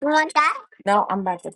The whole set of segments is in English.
You want that? No, I'm about to.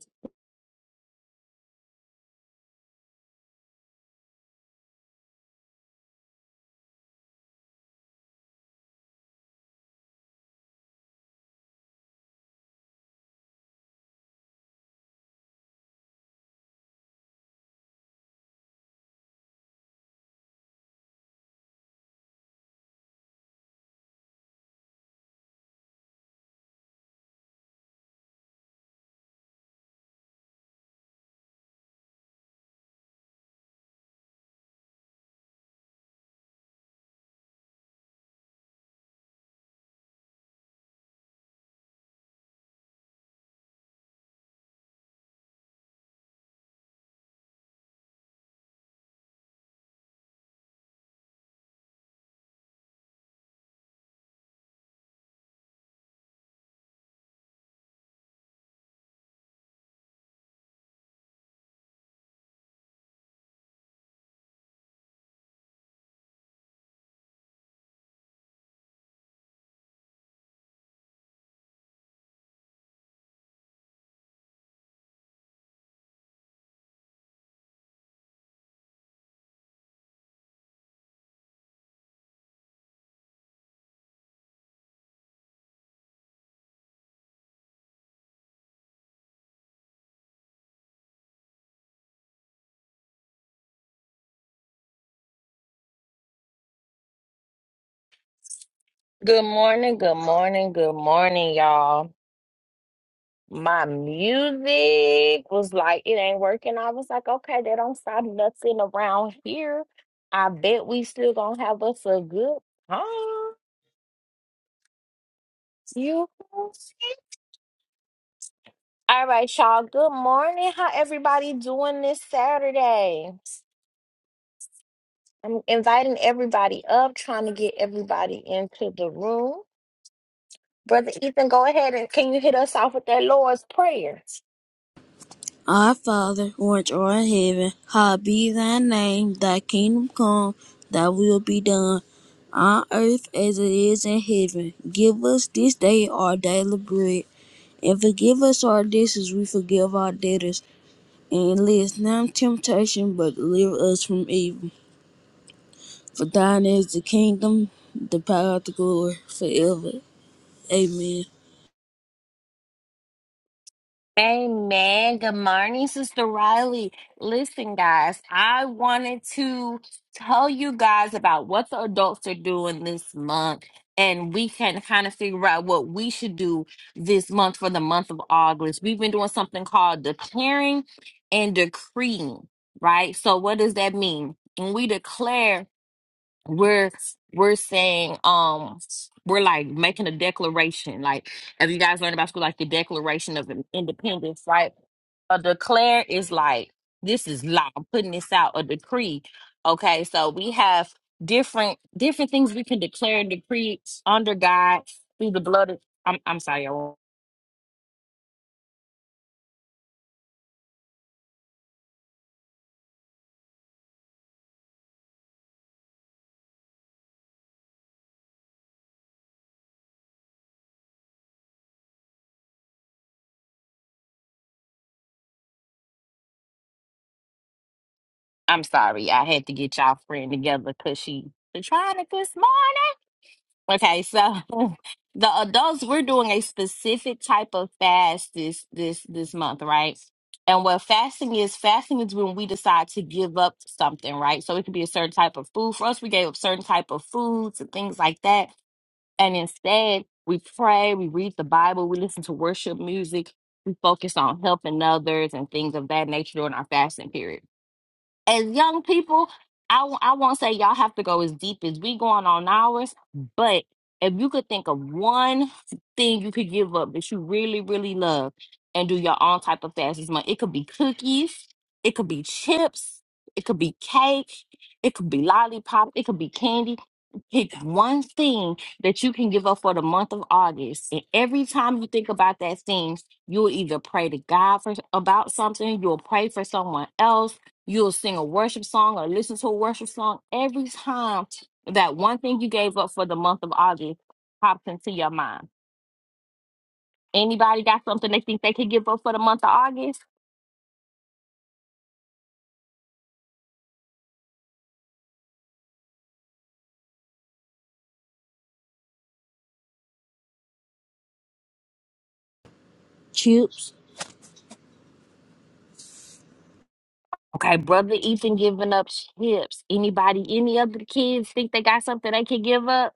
Good morning, good morning, good morning, y'all. My music was like, it ain't working. I was like, okay, they don't stop nothing around here. I bet we still gonna have us a good time. You feel me? all right, y'all. Good morning. How everybody doing this Saturday? I'm inviting everybody up, trying to get everybody into the room. Brother Ethan, go ahead and can you hit us off with that Lord's Prayer? Our Father, which art in heaven, hallowed be thy name, thy kingdom come, thy will be done, on earth as it is in heaven. Give us this day our daily bread, and forgive us our debts as we forgive our debtors. And lead us not into temptation, but deliver us from evil. For thine is the kingdom, the power, the glory, forever. Amen. Amen. Good morning, Sister Riley. Listen, guys, I wanted to tell you guys about what the adults are doing this month, and we can kind of figure out what we should do this month for the month of August. We've been doing something called declaring and decreeing, right? So, what does that mean? When we declare we're we're saying um we're like making a declaration like as you guys learned about school like the declaration of independence right a declare is like this is law i'm putting this out a decree okay so we have different different things we can declare and decree under god through the blood of i'm, I'm sorry y'all. i'm sorry i had to get y'all friend together because she been trying to get smart Okay, so the adults we're doing a specific type of fast this this this month, right? And what fasting is, fasting is when we decide to give up something, right? So it could be a certain type of food. For us, we gave up certain type of foods and things like that. And instead, we pray, we read the Bible, we listen to worship music, we focus on helping others and things of that nature during our fasting period as young people, I, w- I won't say y'all have to go as deep as we going on ours, but if you could think of one thing you could give up that you really, really love and do your own type of fast as much, it could be cookies, it could be chips, it could be cake, it could be lollipop, it could be candy. Pick one thing that you can give up for the month of August. And every time you think about that thing, you'll either pray to God for about something, you'll pray for someone else You'll sing a worship song or listen to a worship song every time that one thing you gave up for the month of August pops into your mind. Anybody got something they think they could give up for the month of August? Chips. Okay, brother Ethan giving up chips. Anybody, any other kids think they got something they could give up?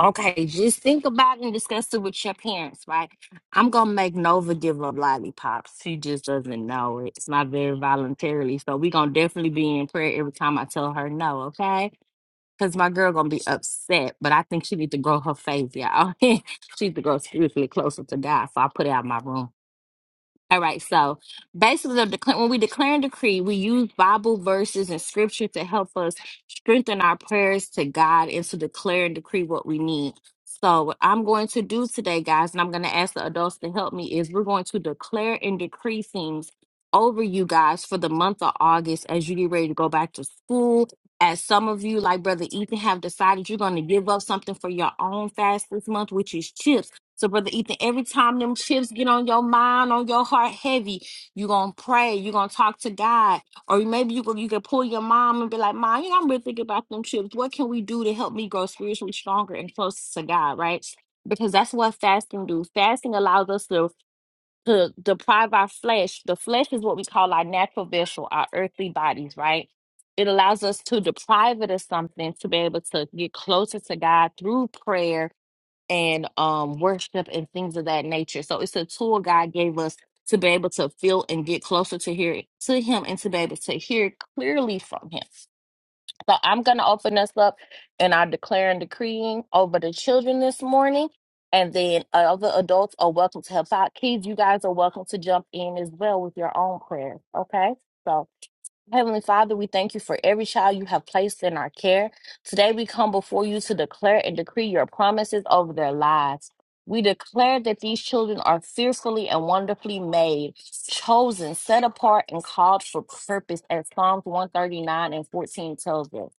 Okay, just think about it and discuss it with your parents, right? I'm gonna make Nova give up lollipops. She just doesn't know it. It's not very voluntarily. So we gonna definitely be in prayer every time I tell her no, okay? Cause my girl gonna be upset, but I think she need to grow her faith, y'all. she need to grow spiritually closer to God. So I put it out my room. All right, so basically, the decla- when we declare and decree, we use Bible verses and scripture to help us strengthen our prayers to God and to declare and decree what we need. So, what I'm going to do today, guys, and I'm going to ask the adults to help me, is we're going to declare and decree things over you guys for the month of August as you get ready to go back to school. As some of you, like Brother Ethan, have decided you're going to give up something for your own fast this month, which is chips so, Brother Ethan, every time them chips get on your mind, on your heart heavy, you're going to pray. You're going to talk to God. Or maybe you, go, you can pull your mom and be like, Mom, you know, I'm really thinking about them chips. What can we do to help me grow spiritually stronger and closer to God, right? Because that's what fasting do. Fasting allows us to, to deprive our flesh. The flesh is what we call our natural vessel, our earthly bodies, right? It allows us to deprive it of something to be able to get closer to God through prayer and um worship and things of that nature. So it's a tool God gave us to be able to feel and get closer to hear to him and to be able to hear clearly from him. So I'm gonna open us up and I declare and decreeing over the children this morning. And then other adults are welcome to help out. Kids, you guys are welcome to jump in as well with your own prayers. Okay. so. Heavenly Father, we thank you for every child you have placed in our care. Today we come before you to declare and decree your promises over their lives. We declare that these children are fearfully and wonderfully made, chosen, set apart, and called for purpose, as Psalms 139 and 14 tells us.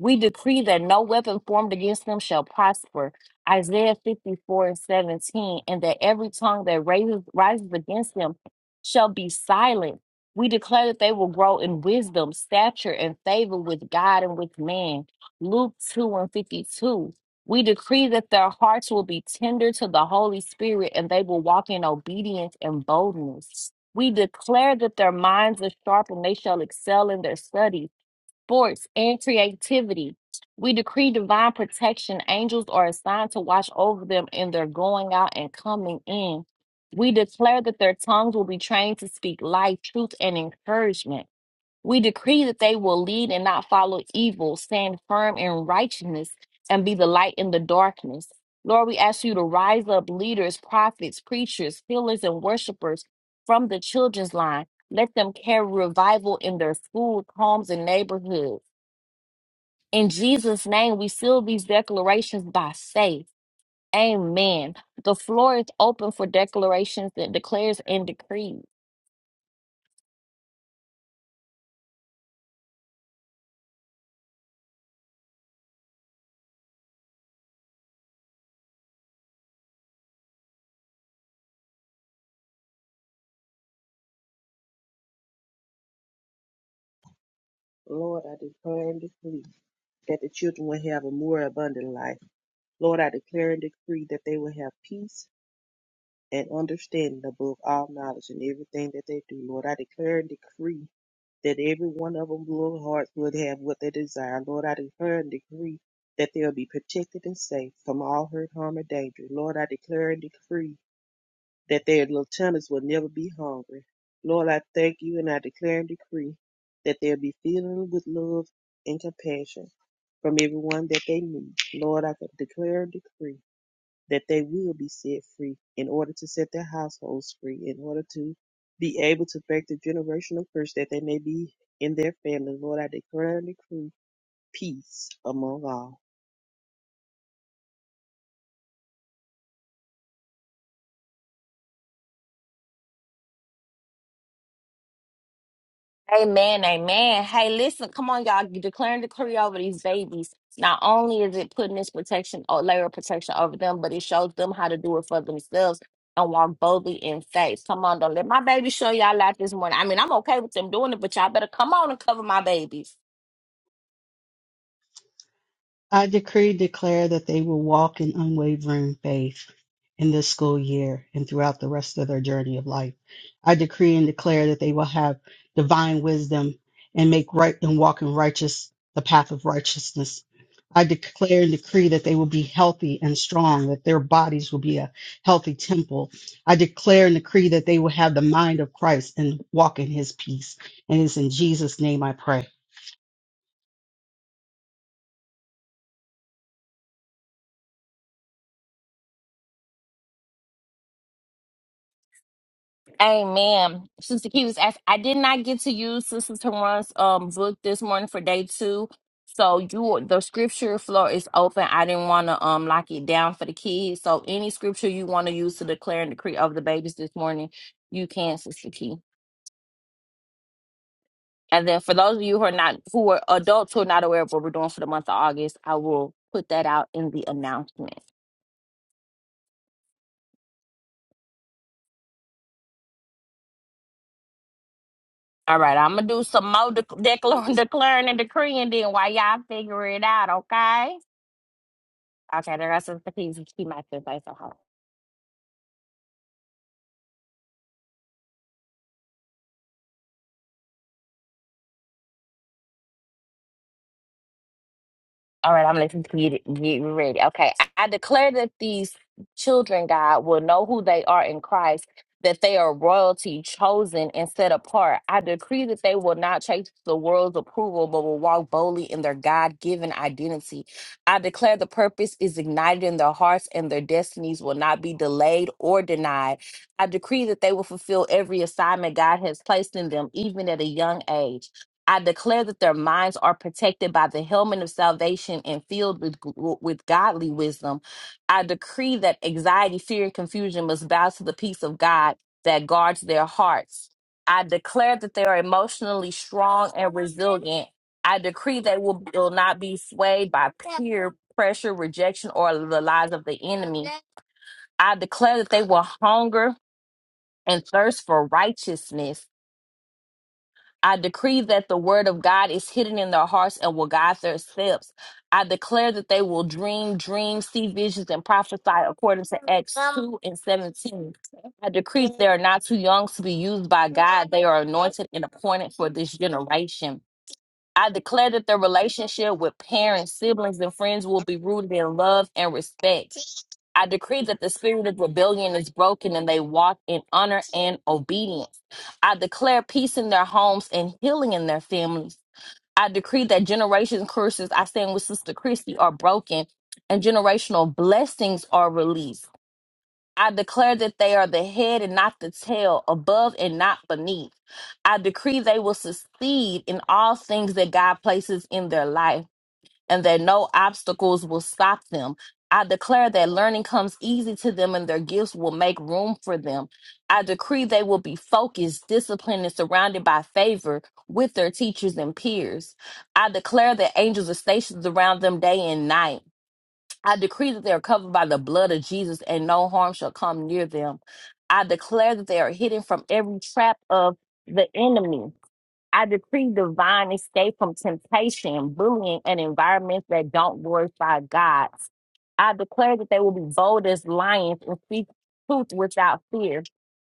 We decree that no weapon formed against them shall prosper, Isaiah 54 and 17, and that every tongue that raises, rises against them shall be silent. We declare that they will grow in wisdom, stature, and favor with God and with man. Luke 2 and 52. We decree that their hearts will be tender to the Holy Spirit and they will walk in obedience and boldness. We declare that their minds are sharp and they shall excel in their studies sports, and creativity. We decree divine protection. Angels are assigned to watch over them in their going out and coming in. We declare that their tongues will be trained to speak life, truth, and encouragement. We decree that they will lead and not follow evil, stand firm in righteousness, and be the light in the darkness. Lord, we ask you to rise up leaders, prophets, preachers, healers, and worshipers from the children's line. Let them carry revival in their schools, homes, and neighborhoods. In Jesus' name, we seal these declarations by faith. Amen. The floor is open for declarations that declares and decrees. Lord, I declare and decree that the children will have a more abundant life. Lord, I declare and decree that they will have peace and understanding above all knowledge in everything that they do. Lord, I declare and decree that every one of them, Lord, hearts would have what they desire. Lord, I declare and decree that they'll be protected and safe from all hurt, harm, or danger. Lord, I declare and decree that their little tummies will never be hungry. Lord, I thank you and I declare and decree that they'll be filled with love and compassion from everyone that they meet. Lord, I declare and decree that they will be set free in order to set their households free, in order to be able to break the generational curse that they may be in their family. Lord, I declare and decree peace among all. Amen, amen. Hey, listen, come on, y'all. You declare and decree over these babies. Not only is it putting this protection or layer of protection over them, but it shows them how to do it for themselves and walk boldly in faith. Come on, don't let my baby show y'all out this morning. I mean, I'm okay with them doing it, but y'all better come on and cover my babies. I decree declare that they will walk in unwavering faith in this school year and throughout the rest of their journey of life. I decree and declare that they will have divine wisdom and make right and walk in righteous the path of righteousness. I declare and decree that they will be healthy and strong, that their bodies will be a healthy temple. I declare and decree that they will have the mind of Christ and walk in his peace. And it's in Jesus' name I pray. Amen. Sister Key was asked, I did not get to use Sister Taron's um book this morning for day two. So you the scripture floor is open. I didn't want to um lock it down for the kids. So any scripture you want to use to declare and decree over the babies this morning, you can, Sister Key. And then for those of you who are not who are adults who are not aware of what we're doing for the month of August, I will put that out in the announcement. All right, I'm gonna do some more dec- declar- declaring and decreeing then while y'all figure it out, okay? Okay, the rest of the things keep my advice on hold. All right, I'm listening to you. Get get ready. Okay, I I declare that these children, God, will know who they are in Christ, that they are royalty, chosen and set apart. I decree that they will not chase the world's approval, but will walk boldly in their God given identity. I declare the purpose is ignited in their hearts and their destinies will not be delayed or denied. I decree that they will fulfill every assignment God has placed in them, even at a young age. I declare that their minds are protected by the helmet of salvation and filled with with godly wisdom. I decree that anxiety, fear, and confusion must bow to the peace of God that guards their hearts. I declare that they are emotionally strong and resilient. I decree they will, will not be swayed by peer pressure, rejection, or the lies of the enemy. I declare that they will hunger and thirst for righteousness. I decree that the word of God is hidden in their hearts and will guide their steps. I declare that they will dream dreams, see visions, and prophesy according to Acts 2 and 17. I decree they are not too young to be used by God. They are anointed and appointed for this generation. I declare that their relationship with parents, siblings, and friends will be rooted in love and respect. I decree that the spirit of rebellion is broken and they walk in honor and obedience. I declare peace in their homes and healing in their families. I decree that generation curses I stand with Sister Christy are broken and generational blessings are released. I declare that they are the head and not the tail, above and not beneath. I decree they will succeed in all things that God places in their life and that no obstacles will stop them. I declare that learning comes easy to them and their gifts will make room for them. I decree they will be focused, disciplined, and surrounded by favor with their teachers and peers. I declare that angels are stationed around them day and night. I decree that they are covered by the blood of Jesus and no harm shall come near them. I declare that they are hidden from every trap of the enemy. I decree divine escape from temptation, bullying, and environments that don't glorify God. I declare that they will be bold as lions and speak truth without fear.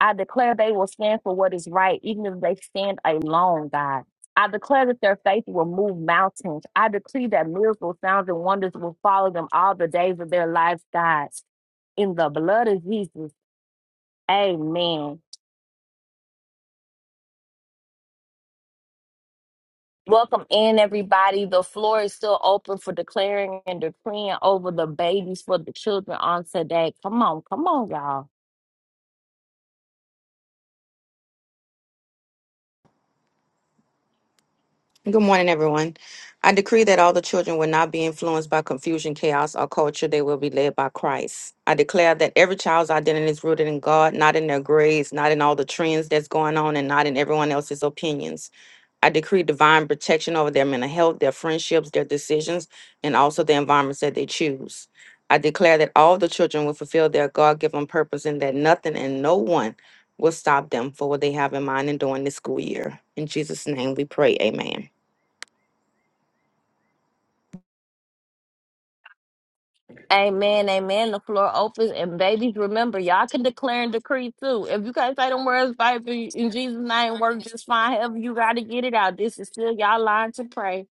I declare they will stand for what is right, even if they stand alone, God. I declare that their faith will move mountains. I decree that miracles, sounds, and wonders will follow them all the days of their lives, God. In the blood of Jesus, amen. Welcome in, everybody. The floor is still open for declaring and decreeing over the babies for the children on today. Come on, come on, y'all. Good morning, everyone. I decree that all the children will not be influenced by confusion, chaos, or culture. They will be led by Christ. I declare that every child's identity is rooted in God, not in their grades, not in all the trends that's going on, and not in everyone else's opinions. I decree divine protection over their mental health, their friendships, their decisions, and also the environments that they choose. I declare that all the children will fulfill their God given purpose and that nothing and no one will stop them for what they have in mind and during this school year. In Jesus' name we pray. Amen. Amen, amen. The floor opens, and babies, remember, y'all can declare and decree too. If you guys say them words, Bible in Jesus' name, work just fine. However, you got to get it out. This is still y'all line to pray.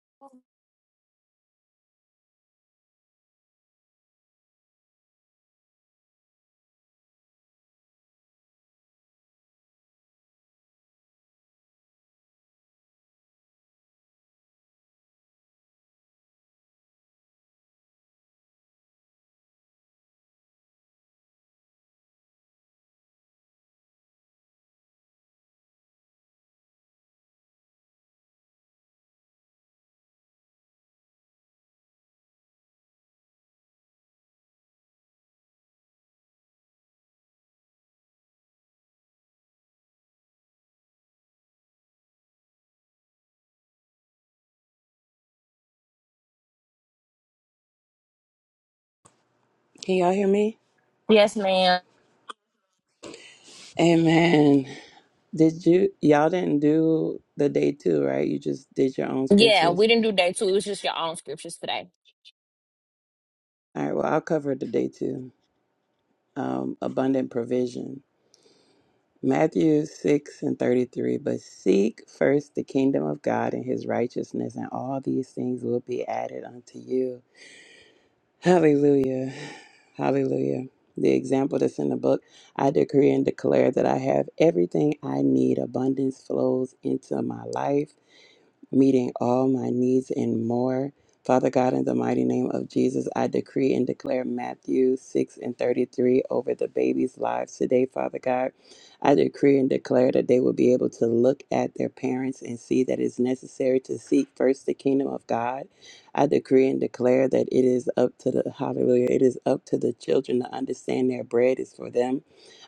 Can y'all hear me? Yes, ma'am. Amen. Did you y'all didn't do the day two, right? You just did your own Yeah, we scriptures. didn't do day two. It was just your own scriptures today. All right, well I'll cover the day two. Um, abundant provision. Matthew six and thirty three. But seek first the kingdom of God and his righteousness, and all these things will be added unto you. Hallelujah. Hallelujah. The example that's in the book, I decree and declare that I have everything I need. Abundance flows into my life. meeting all my needs and more. Father God, in the mighty name of Jesus, I decree and declare Matthew 6 and 33 over the babies' lives today, Father God. I decree and declare that they will be able to look at their parents and see that it's necessary to seek first the kingdom of God. I decree and declare that it is up to the hallelujah, it is up to the children to understand their bread is for them.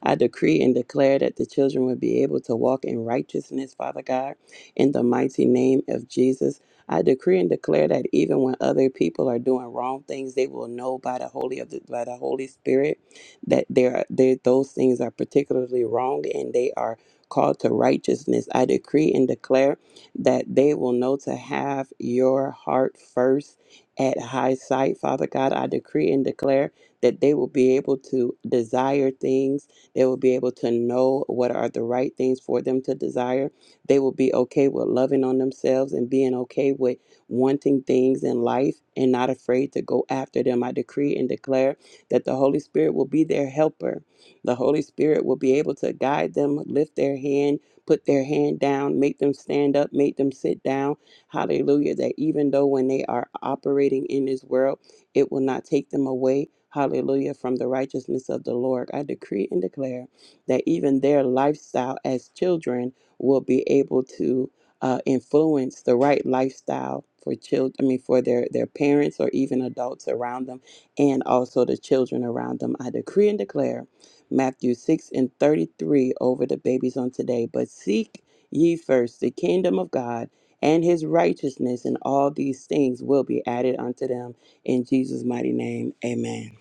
I decree and declare that the children will be able to walk in righteousness, Father God. In the mighty name of Jesus, I decree and declare that even when other people are doing wrong things, they will know by the Holy of the, by the Holy Spirit that there are there those things are particularly wrong and they are called to righteousness. I decree and declare that they will know to have your heart first at high sight. Father God, I decree and declare that they will be able to desire things. They will be able to know what are the right things for them to desire they will be okay with loving on themselves and being okay with wanting things in life and not afraid to go after them. I decree and declare that the Holy Spirit will be their helper. The Holy Spirit will be able to guide them, lift their hand, put their hand down, make them stand up, make them sit down. Hallelujah. That even though when they are operating in this world, it will not take them away. Hallelujah. From the righteousness of the Lord. I decree and declare that even their lifestyle as children will be able to uh, influence the right lifestyle for children. I mean, for their their parents or even adults around them, and also the children around them. I decree and declare Matthew six and thirty three over the babies on today. But seek ye first the kingdom of God and His righteousness, and all these things will be added unto them. In Jesus' mighty name, Amen.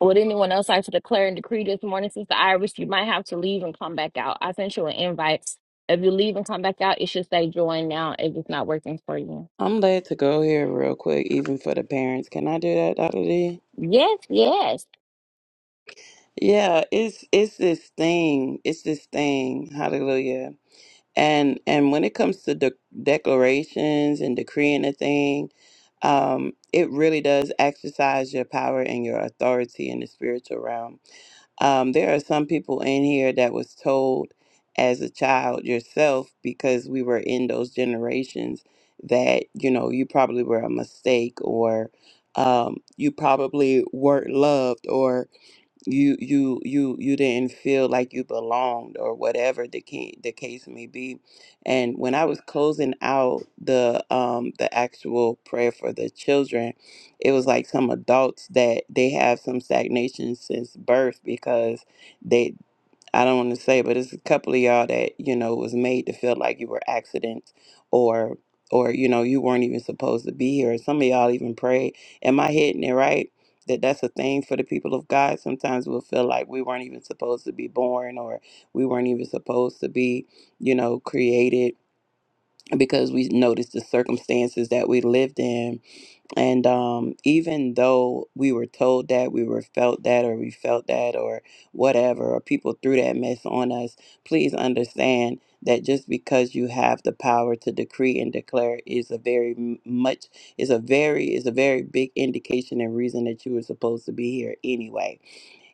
Would anyone else like to declare and decree this morning? Since the Irish, you might have to leave and come back out. I sent you an invite. If you leave and come back out, it should say join now if it's not working for you. I'm led to go here real quick, even for the parents. Can I do that, Dr. D? Yes, yes. Yeah, it's it's this thing. It's this thing. Hallelujah. And and when it comes to de- declarations and decreeing a thing, um, it really does exercise your power and your authority in the spiritual realm. Um, there are some people in here that was told as a child yourself because we were in those generations that you know you probably were a mistake or um, you probably weren't loved or you you you you didn't feel like you belonged or whatever the ca- the case may be and when i was closing out the um the actual prayer for the children it was like some adults that they have some stagnation since birth because they I don't want to say, but it's a couple of y'all that you know was made to feel like you were accidents or or you know you weren't even supposed to be here. Some of y'all even prayed. Am I hitting it right? That that's a thing for the people of God. Sometimes we'll feel like we weren't even supposed to be born or we weren't even supposed to be you know created because we noticed the circumstances that we lived in and um, even though we were told that, we were felt that, or we felt that, or whatever, or people threw that mess on us, please understand that just because you have the power to decree and declare is a very m- much is a very is a very big indication and reason that you were supposed to be here anyway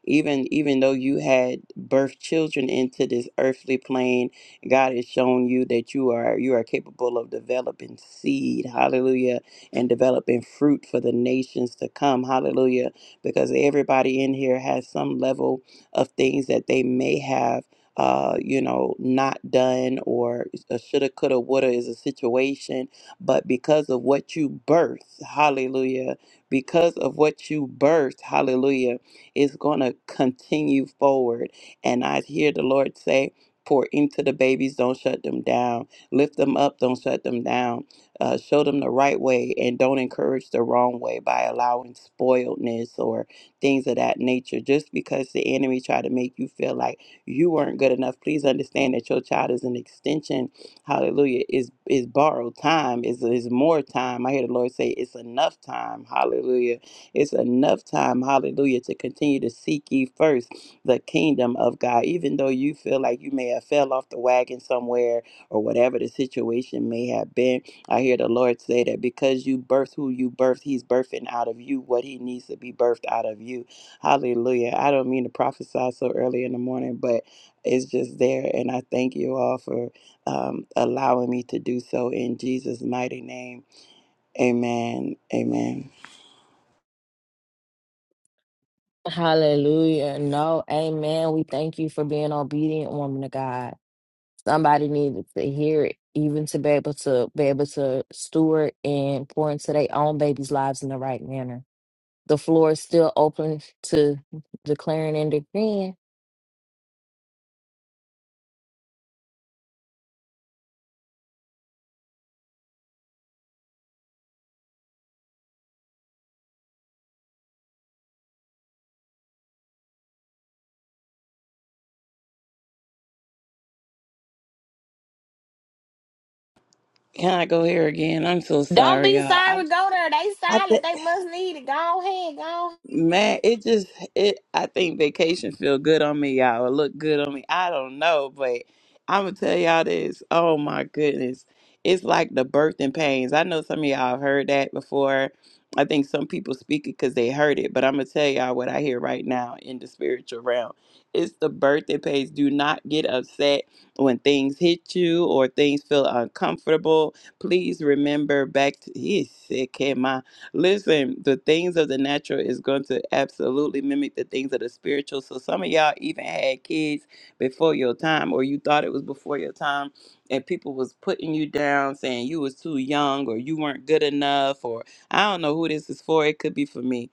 even even though you had birthed children into this earthly plane god has shown you that you are you are capable of developing seed hallelujah and developing fruit for the nations to come hallelujah because everybody in here has some level of things that they may have uh, you know, not done or a shoulda, coulda, woulda is a situation, but because of what you birth, hallelujah, because of what you birth, hallelujah, is going to continue forward. And I hear the Lord say, Pour into the babies, don't shut them down. Lift them up, don't shut them down. Uh, show them the right way and don't encourage the wrong way by allowing spoiledness or things of that nature. Just because the enemy tried to make you feel like you weren't good enough, please understand that your child is an extension hallelujah is is borrowed time is is more time i hear the lord say it's enough time hallelujah it's enough time, hallelujah, to continue to seek ye first the kingdom of God. Even though you feel like you may have fell off the wagon somewhere or whatever the situation may have been, I hear the Lord say that because you birth who you birth, He's birthing out of you what He needs to be birthed out of you. Hallelujah. I don't mean to prophesy so early in the morning, but it's just there. And I thank you all for um, allowing me to do so in Jesus' mighty name. Amen. Amen. Hallelujah. No, amen. We thank you for being obedient, woman of God. Somebody needed to hear it, even to be able to be able to steward and pour into their own babies' lives in the right manner. The floor is still open to declaring and decreeing. Can I go here again? I'm so Don't sorry, be y'all. I, sorry. Go there. They I silent. think. They must need it. Go ahead. Go. Man, it just it I think vacation feel good on me, y'all. It look good on me. I don't know, but I'ma tell y'all this. Oh my goodness. It's like the birthing pains. I know some of y'all have heard that before. I think some people speak it because they heard it, but I'm gonna tell y'all what I hear right now in the spiritual realm. It's the birthing pains. Do not get upset when things hit you or things feel uncomfortable. Please remember back to he is sick. Listen, the things of the natural is going to absolutely mimic the things of the spiritual. So some of y'all even had kids before your time, or you thought it was before your time, and people was putting you down, saying you was too young, or you weren't good enough, or I don't know who this is for. It could be for me.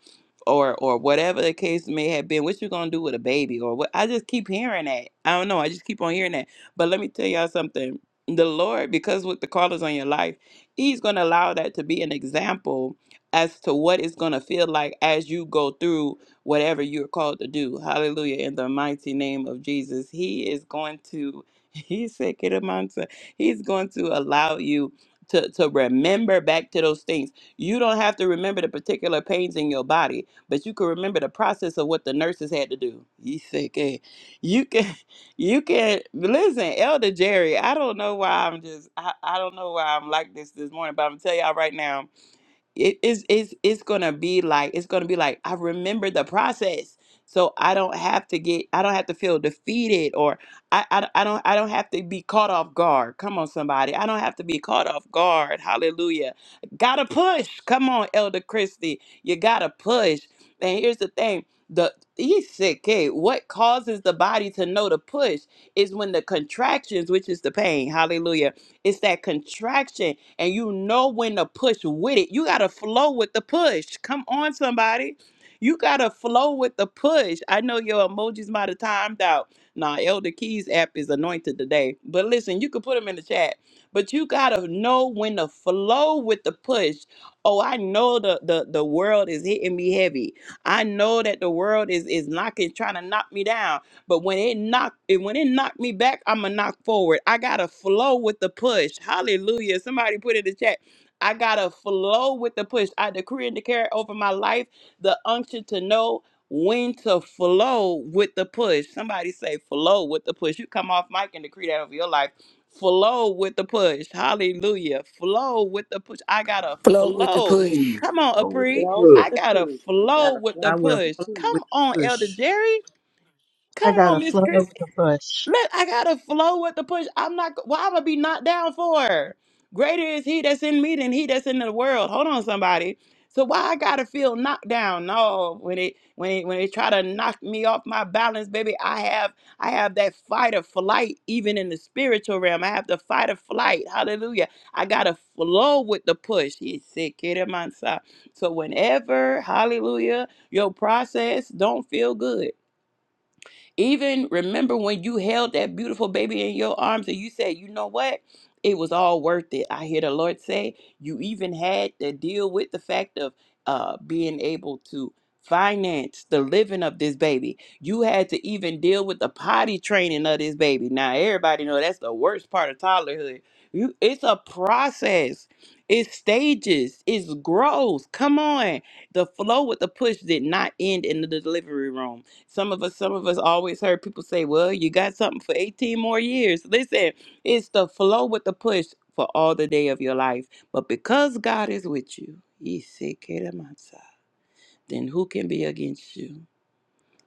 Or, or whatever the case may have been, what you gonna do with a baby, or what? I just keep hearing that. I don't know. I just keep on hearing that. But let me tell y'all something. The Lord, because with the callers on your life, He's gonna allow that to be an example as to what it's going to feel like as you go through whatever you're called to do. Hallelujah. In the mighty name of Jesus, He is going to, He said, "Get him on to-" He's going to allow you. To, to remember back to those things. You don't have to remember the particular pains in your body, but you can remember the process of what the nurses had to do. He said, eh? You can you can listen, Elder Jerry. I don't know why I'm just I, I don't know why I'm like this this morning, but I'm gonna tell y'all right now it is it's it's gonna be like it's gonna be like I remember the process, so I don't have to get I don't have to feel defeated or I I, I don't I don't have to be caught off guard. Come on, somebody, I don't have to be caught off guard. Hallelujah! Gotta push. Come on, Elder Christie, you gotta push. And here's the thing. The he said, "Okay, what causes the body to know to push is when the contractions, which is the pain, hallelujah, it's that contraction and you know when to push with it. You got to flow with the push. Come on, somebody. You got to flow with the push. I know your emojis might have timed out. Nah, Elder Keys app is anointed today. But listen, you could put them in the chat. But you got to know when to flow with the push. Oh, I know the, the, the world is hitting me heavy. I know that the world is, is knocking, trying to knock me down. But when it knocked, when it knocked me back, I'ma knock forward. I gotta flow with the push. Hallelujah. Somebody put in the chat. I gotta flow with the push. I decree and declare over my life the unction to know when to flow with the push. Somebody say flow with the push. You come off mic and decree that over your life. Flow with the push. Hallelujah. Flow with the push. I gotta Plug with the flow. push. Mm. Come on, I would Apri. Flow good. with I the gotta peace. We got flow to with the I with will the push. flow peace. with Come on, the Elder push. Jerry. I Come got on, to Miss flow Christie. with the push. Let I gotta flow with the push. I'm not. Why am i be knocked down for? Greater is He that's in me than He that's in the world. Hold on, somebody. So why I gotta feel knocked down? No, when it when it when it try to knock me off my balance, baby, I have I have that fight or flight even in the spiritual realm. I have the fight or flight. Hallelujah. I gotta flow with the push. He said, "Kid, of mine, son." So whenever, Hallelujah, your process don't feel good. Even remember when you held that beautiful baby in your arms and you said, you know what? It was all worth it. I hear the Lord say you even had to deal with the fact of uh, being able to finance the living of this baby. You had to even deal with the potty training of this baby. Now everybody know that's the worst part of toddlerhood. You, it's a process. It's stages. It's growth. Come on. The flow with the push did not end in the delivery room some of us, some of us always heard people say, "Well, you got something for 18 more years." Listen, it's the flow with the push for all the day of your life. But because God is with you, he said, "Kedamasa," then who can be against you?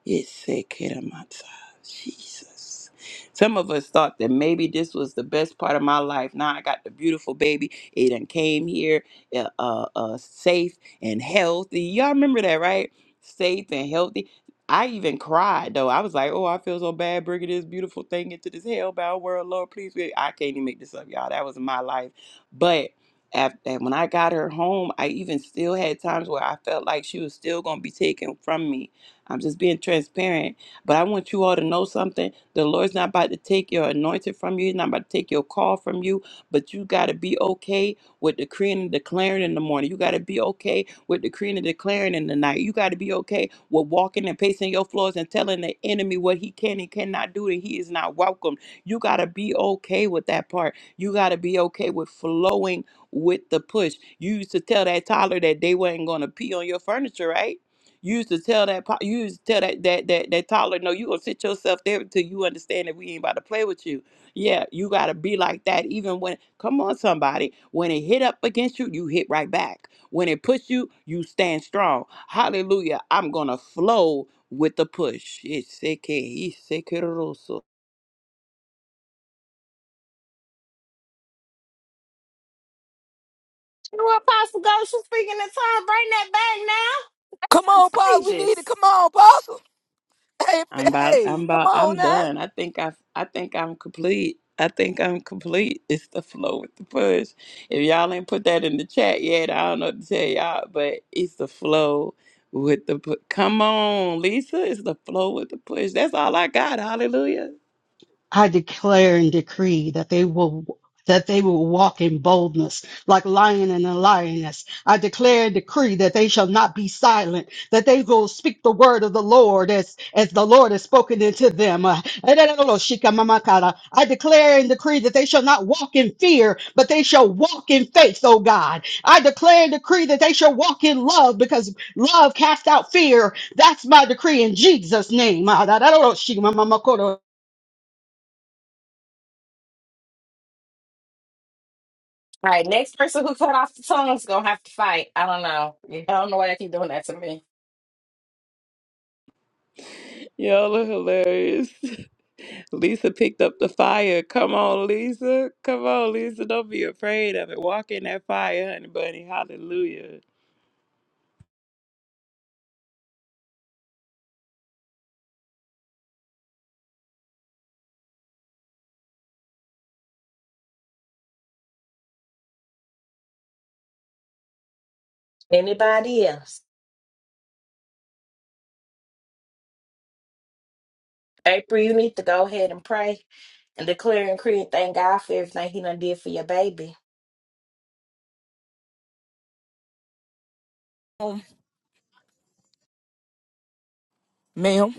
Yesekeramatsa. Jesus. Some of us thought that maybe this was the best part of my life. Now I got the beautiful baby. It done came here uh, uh, uh, safe and healthy. Y'all remember that, right? Safe and healthy. I even cried though. I was like, "Oh, I feel so bad bringing this beautiful thing into this hellbound world, Lord, please." wait." I can't even make this up, y'all. That was my life. But after when I got her home, I even still had times where I felt like she was still gonna be taken from me I'm just being transparent. But I want you all to know something. The Lord's not about to take your anointing from you. He's not about to take your call from you. But you got to be okay with decreeing and declaring in the morning. You got to be okay with decreeing and declaring in the night. You got to be okay with walking and pacing your floors and telling the enemy what he can and cannot do that he is not welcome. You got to be okay with that part. You got to be okay with flowing with the push. You used to tell that toddler that they wasn't going to pee on your furniture, right? You used to tell that po- you used to tell that that that that toddler, no, you gonna sit yourself there until you understand that we ain't about to play with you. Yeah, you gotta be like that. Even when come on somebody, when it hit up against you, you hit right back. When it push you, you stand strong. Hallelujah. I'm gonna flow with the push. It's Sure, Apostle Ghost, you speaking in tongue. Bring that back now. Come That's on, pause. We need it. Come contagious. on, pause. Hey, I'm f- about I'm hey, come about on I'm now. done. I think I I think I'm complete. I think I'm complete. It's the flow with the push. If y'all ain't put that in the chat yet, I don't know what to tell y'all, but it's the flow with the pu- come on, Lisa. It's the flow with the push. That's all I got. Hallelujah. I declare and decree that they will that they will walk in boldness like lion and a lioness. I declare and decree that they shall not be silent, that they will speak the word of the Lord as, as the Lord has spoken into them. Uh, I declare and decree that they shall not walk in fear, but they shall walk in faith, oh God. I declare and decree that they shall walk in love because love casts out fear. That's my decree in Jesus' name. All right, next person who cut off the tongue's gonna have to fight. I don't know. I don't know why they keep doing that to me. Y'all are hilarious. Lisa picked up the fire. Come on, Lisa. Come on, Lisa. Don't be afraid of it. Walk in that fire, honey bunny. Hallelujah. Anybody else? April, you need to go ahead and pray and declare and creed. Thank God for everything He done did for your baby. Um, ma'am,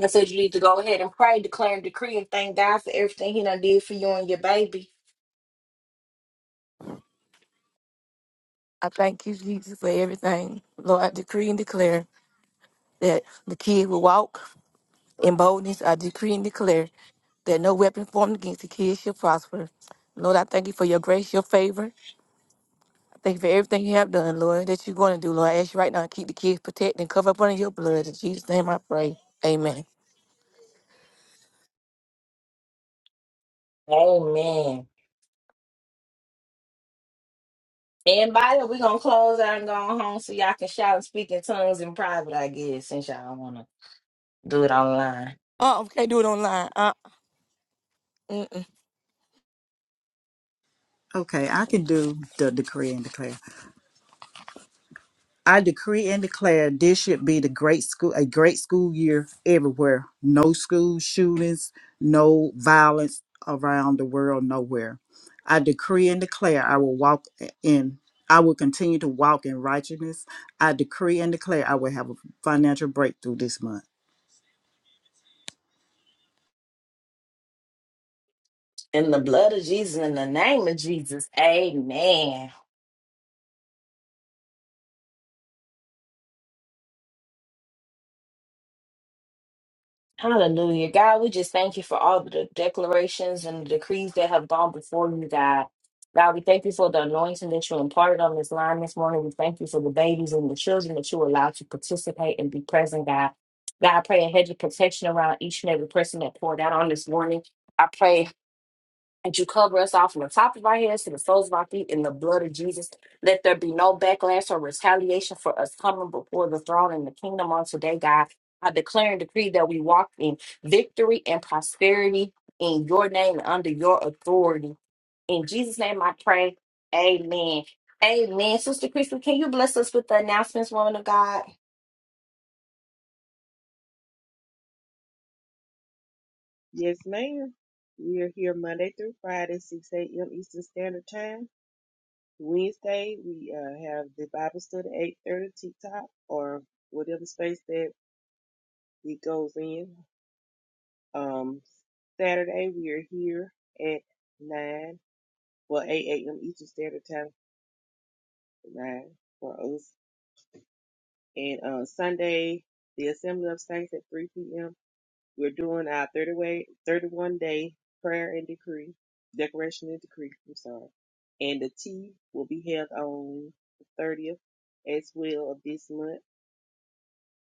I said you need to go ahead and pray, declare and decree, and thank God for everything He done did for you and your baby. I thank you, Jesus, for everything. Lord, I decree and declare that the kid will walk in boldness. I decree and declare that no weapon formed against the kid shall prosper. Lord, I thank you for your grace, your favor. I thank you for everything you have done, Lord, that you're going to do, Lord. I ask you right now to keep the kids protected and cover up under your blood. In Jesus' name I pray. Amen. Amen. And by that, we're gonna close out and go on home so y'all can shout and speak in tongues in private, I guess, since y'all don't wanna do it online. Uh, uh can't do it online. Uh, Okay, I can do the decree and declare. I decree and declare this should be the great school a great school year everywhere. No school shootings, no violence around the world, nowhere. I decree and declare I will walk in I will continue to walk in righteousness. I decree and declare I will have a financial breakthrough this month. In the blood of Jesus, in the name of Jesus, amen. Hallelujah. God, we just thank you for all the declarations and the decrees that have gone before you, God. God, we thank you for the anointing that you imparted on this line this morning. We thank you for the babies and the children that you allowed to participate and be present, God. God, I pray a hedge of protection around each and every person that poured out on this morning. I pray that you cover us off from the top of our heads to the soles of our feet in the blood of Jesus. Let there be no backlash or retaliation for us coming before the throne and the kingdom on today, God. I declare and decree that we walk in victory and prosperity in your name and under your authority. In Jesus' name I pray. Amen. Amen. Sister Crystal, can you bless us with the announcements, woman of God? Yes, ma'am. We are here Monday through Friday, 6 a.m. Eastern Standard Time. Wednesday, we uh, have the Bible study, 8.30 TikTok, or whatever space that it goes in. Um, Saturday, we are here at 9, well, 8 a.m. Eastern Standard Time, 9 for us. And uh, Sunday, the Assembly of Saints at 3 p.m. We're doing our 30 way, 31 day prayer and decree, declaration and decree, I'm sorry. And the tea will be held on the 30th as well of this month.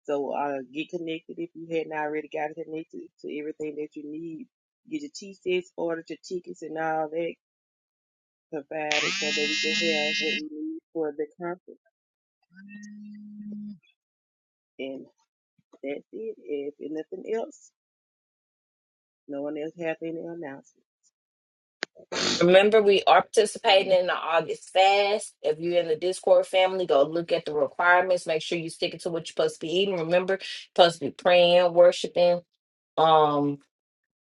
So uh, get connected if you hadn't already got connected to everything that you need. Get your tea sets, order your tickets and all that provided so that we can have what we need for the conference. And that's it. If nothing else, no one else have any announcements. Remember, we are participating in the August fast. If you're in the Discord family, go look at the requirements. Make sure you stick it to what you're supposed to be eating. Remember, you're supposed to be praying, worshiping. Um,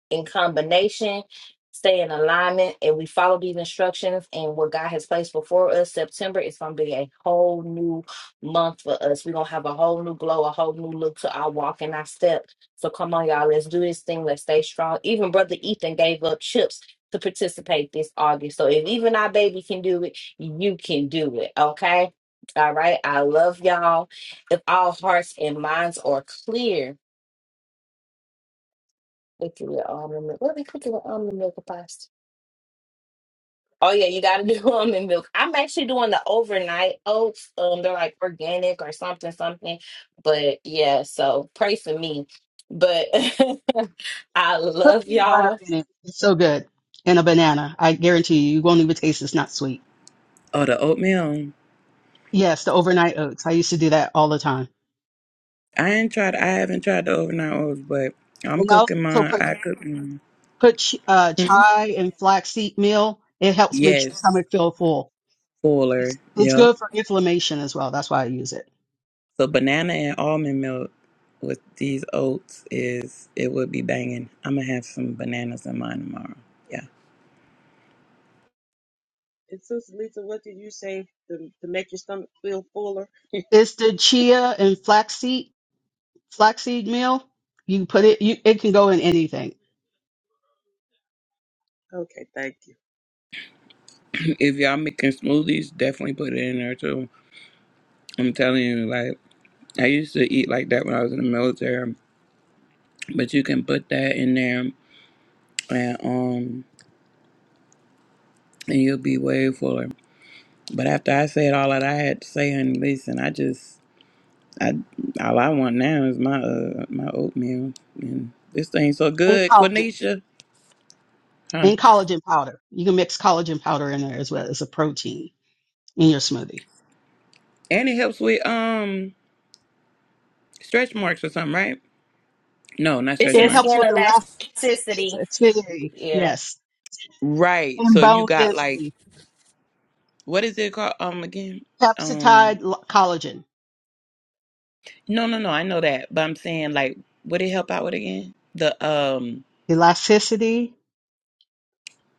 in combination, stay in alignment, and we follow these instructions and what God has placed before us, September is going to be a whole new month for us. We're going to have a whole new glow, a whole new look to our walk and our step. So come on, y'all, let's do this thing. Let's stay strong. Even Brother Ethan gave up chips to participate this August. So if even our baby can do it, you can do it. Okay. All right. I love y'all. If all hearts and minds are clear, we can with almond milk. What we cooking with almond milk pasta? Oh yeah, you gotta do almond milk. I'm actually doing the overnight oats. Um, they're like organic or something, something. But yeah, so pray for me. But I Put love peanut butter y'all. in it. It's so good. And a banana. I guarantee you, you won't even taste it's not sweet. Oh, the oatmeal. Yes, the overnight oats. I used to do that all the time. I ain't tried. I haven't tried the overnight oats, but I'm And cooking also mine. put I cook mine. put ch- uh, Hmm? chai and flaxseed meal. It helps make Yes, your stomach feel full. fuller. It's, it's Yep. good for inflammation as well. That's why I use it. So banana and almond milk with these oats is it would be banging. I'm gonna have some bananas in mine tomorrow. Yeah. And Sister Lisa, what did you say to, to make your stomach feel fuller? It's the chia and flaxseed flaxseed meal, you put it, you, it can go in anything. Okay, thank you. If y'all making smoothies, definitely put it in there too. I'm telling you, like I used to eat like that when I was in the military, but you can put that in there and um and you'll be way fuller. But after I said all that I had to say, honey, listen, I just I all I want now is my uh my oatmeal and this thing's so And good, collagen. Quenisha. Huh. And collagen powder. You can mix collagen powder in there as well as a protein in your smoothie. And it helps with um stretch marks or something, right? No, not It's stretch your It helps marks. skin with elasticity. elasticity. Yeah. Yes. Right. And So if you bone got like density. what is it called? Um again? Um Pepsitide l- collagen. no no no, I know that. But I'm saying like would it help out with again? The um Elasticity.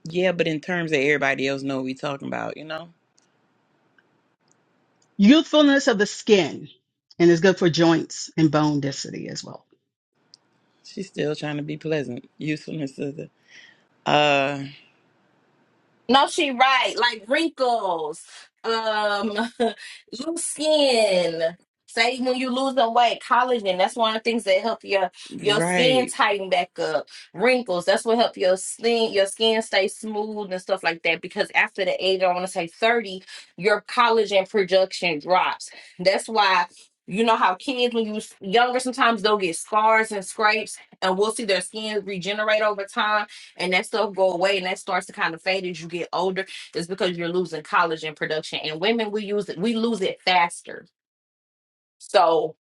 yeah, but in terms that everybody else know what we talking about, you know? Youthfulness of the skin. And it's good for joints and bone density as well. She's still trying to be pleasant. Usefulness of the uh No, she right. Like wrinkles, um, loose skin. Say when you lose the weight, collagen. That's one of the things that help your your skin right. tighten back up. Wrinkles. That's what help your skin your skin stay smooth and stuff like that. Because after the age, I want to say thirty, your collagen production drops. That's why. You know how kids, when you was younger, sometimes they'll get scars and scrapes, and we'll see their skin regenerate over time and that stuff go away and that starts to kind of fade as you get older is because you're losing collagen production and women we use it we lose it faster so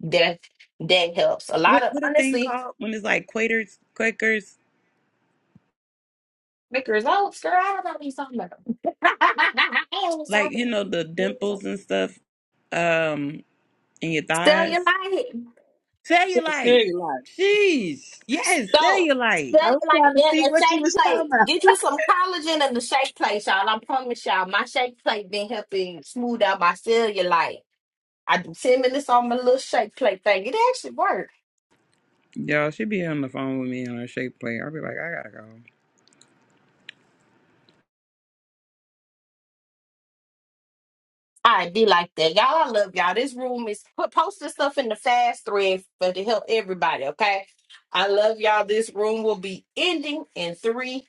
that that helps a lot what of what a thing honestly called when it's like Quakers, Quakers, make results girl i don't know what you're talking about I don't know what you're like talking you know the dimples about. and stuff, um, in your thighs. Cellulite. So, Cellulite. cellulite. Jeez, yes, So, cellulite. I was trying cellulite to in see a what you shake was talking plate. about. Get you some collagen in the shake plate, y'all. I promise y'all, my shake plate been helping smooth out my cellulite. I do 10 minutes on my little shake plate thing. It actually worked. Y'all, she be on the phone with me on her shape plate. I'll be like, I gotta go. i be like that. Y'all, I love y'all. This room is put posting stuff in the fast thread for to help everybody. Okay. I love y'all. This room will be ending in three,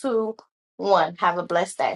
two, one. Have a blessed day.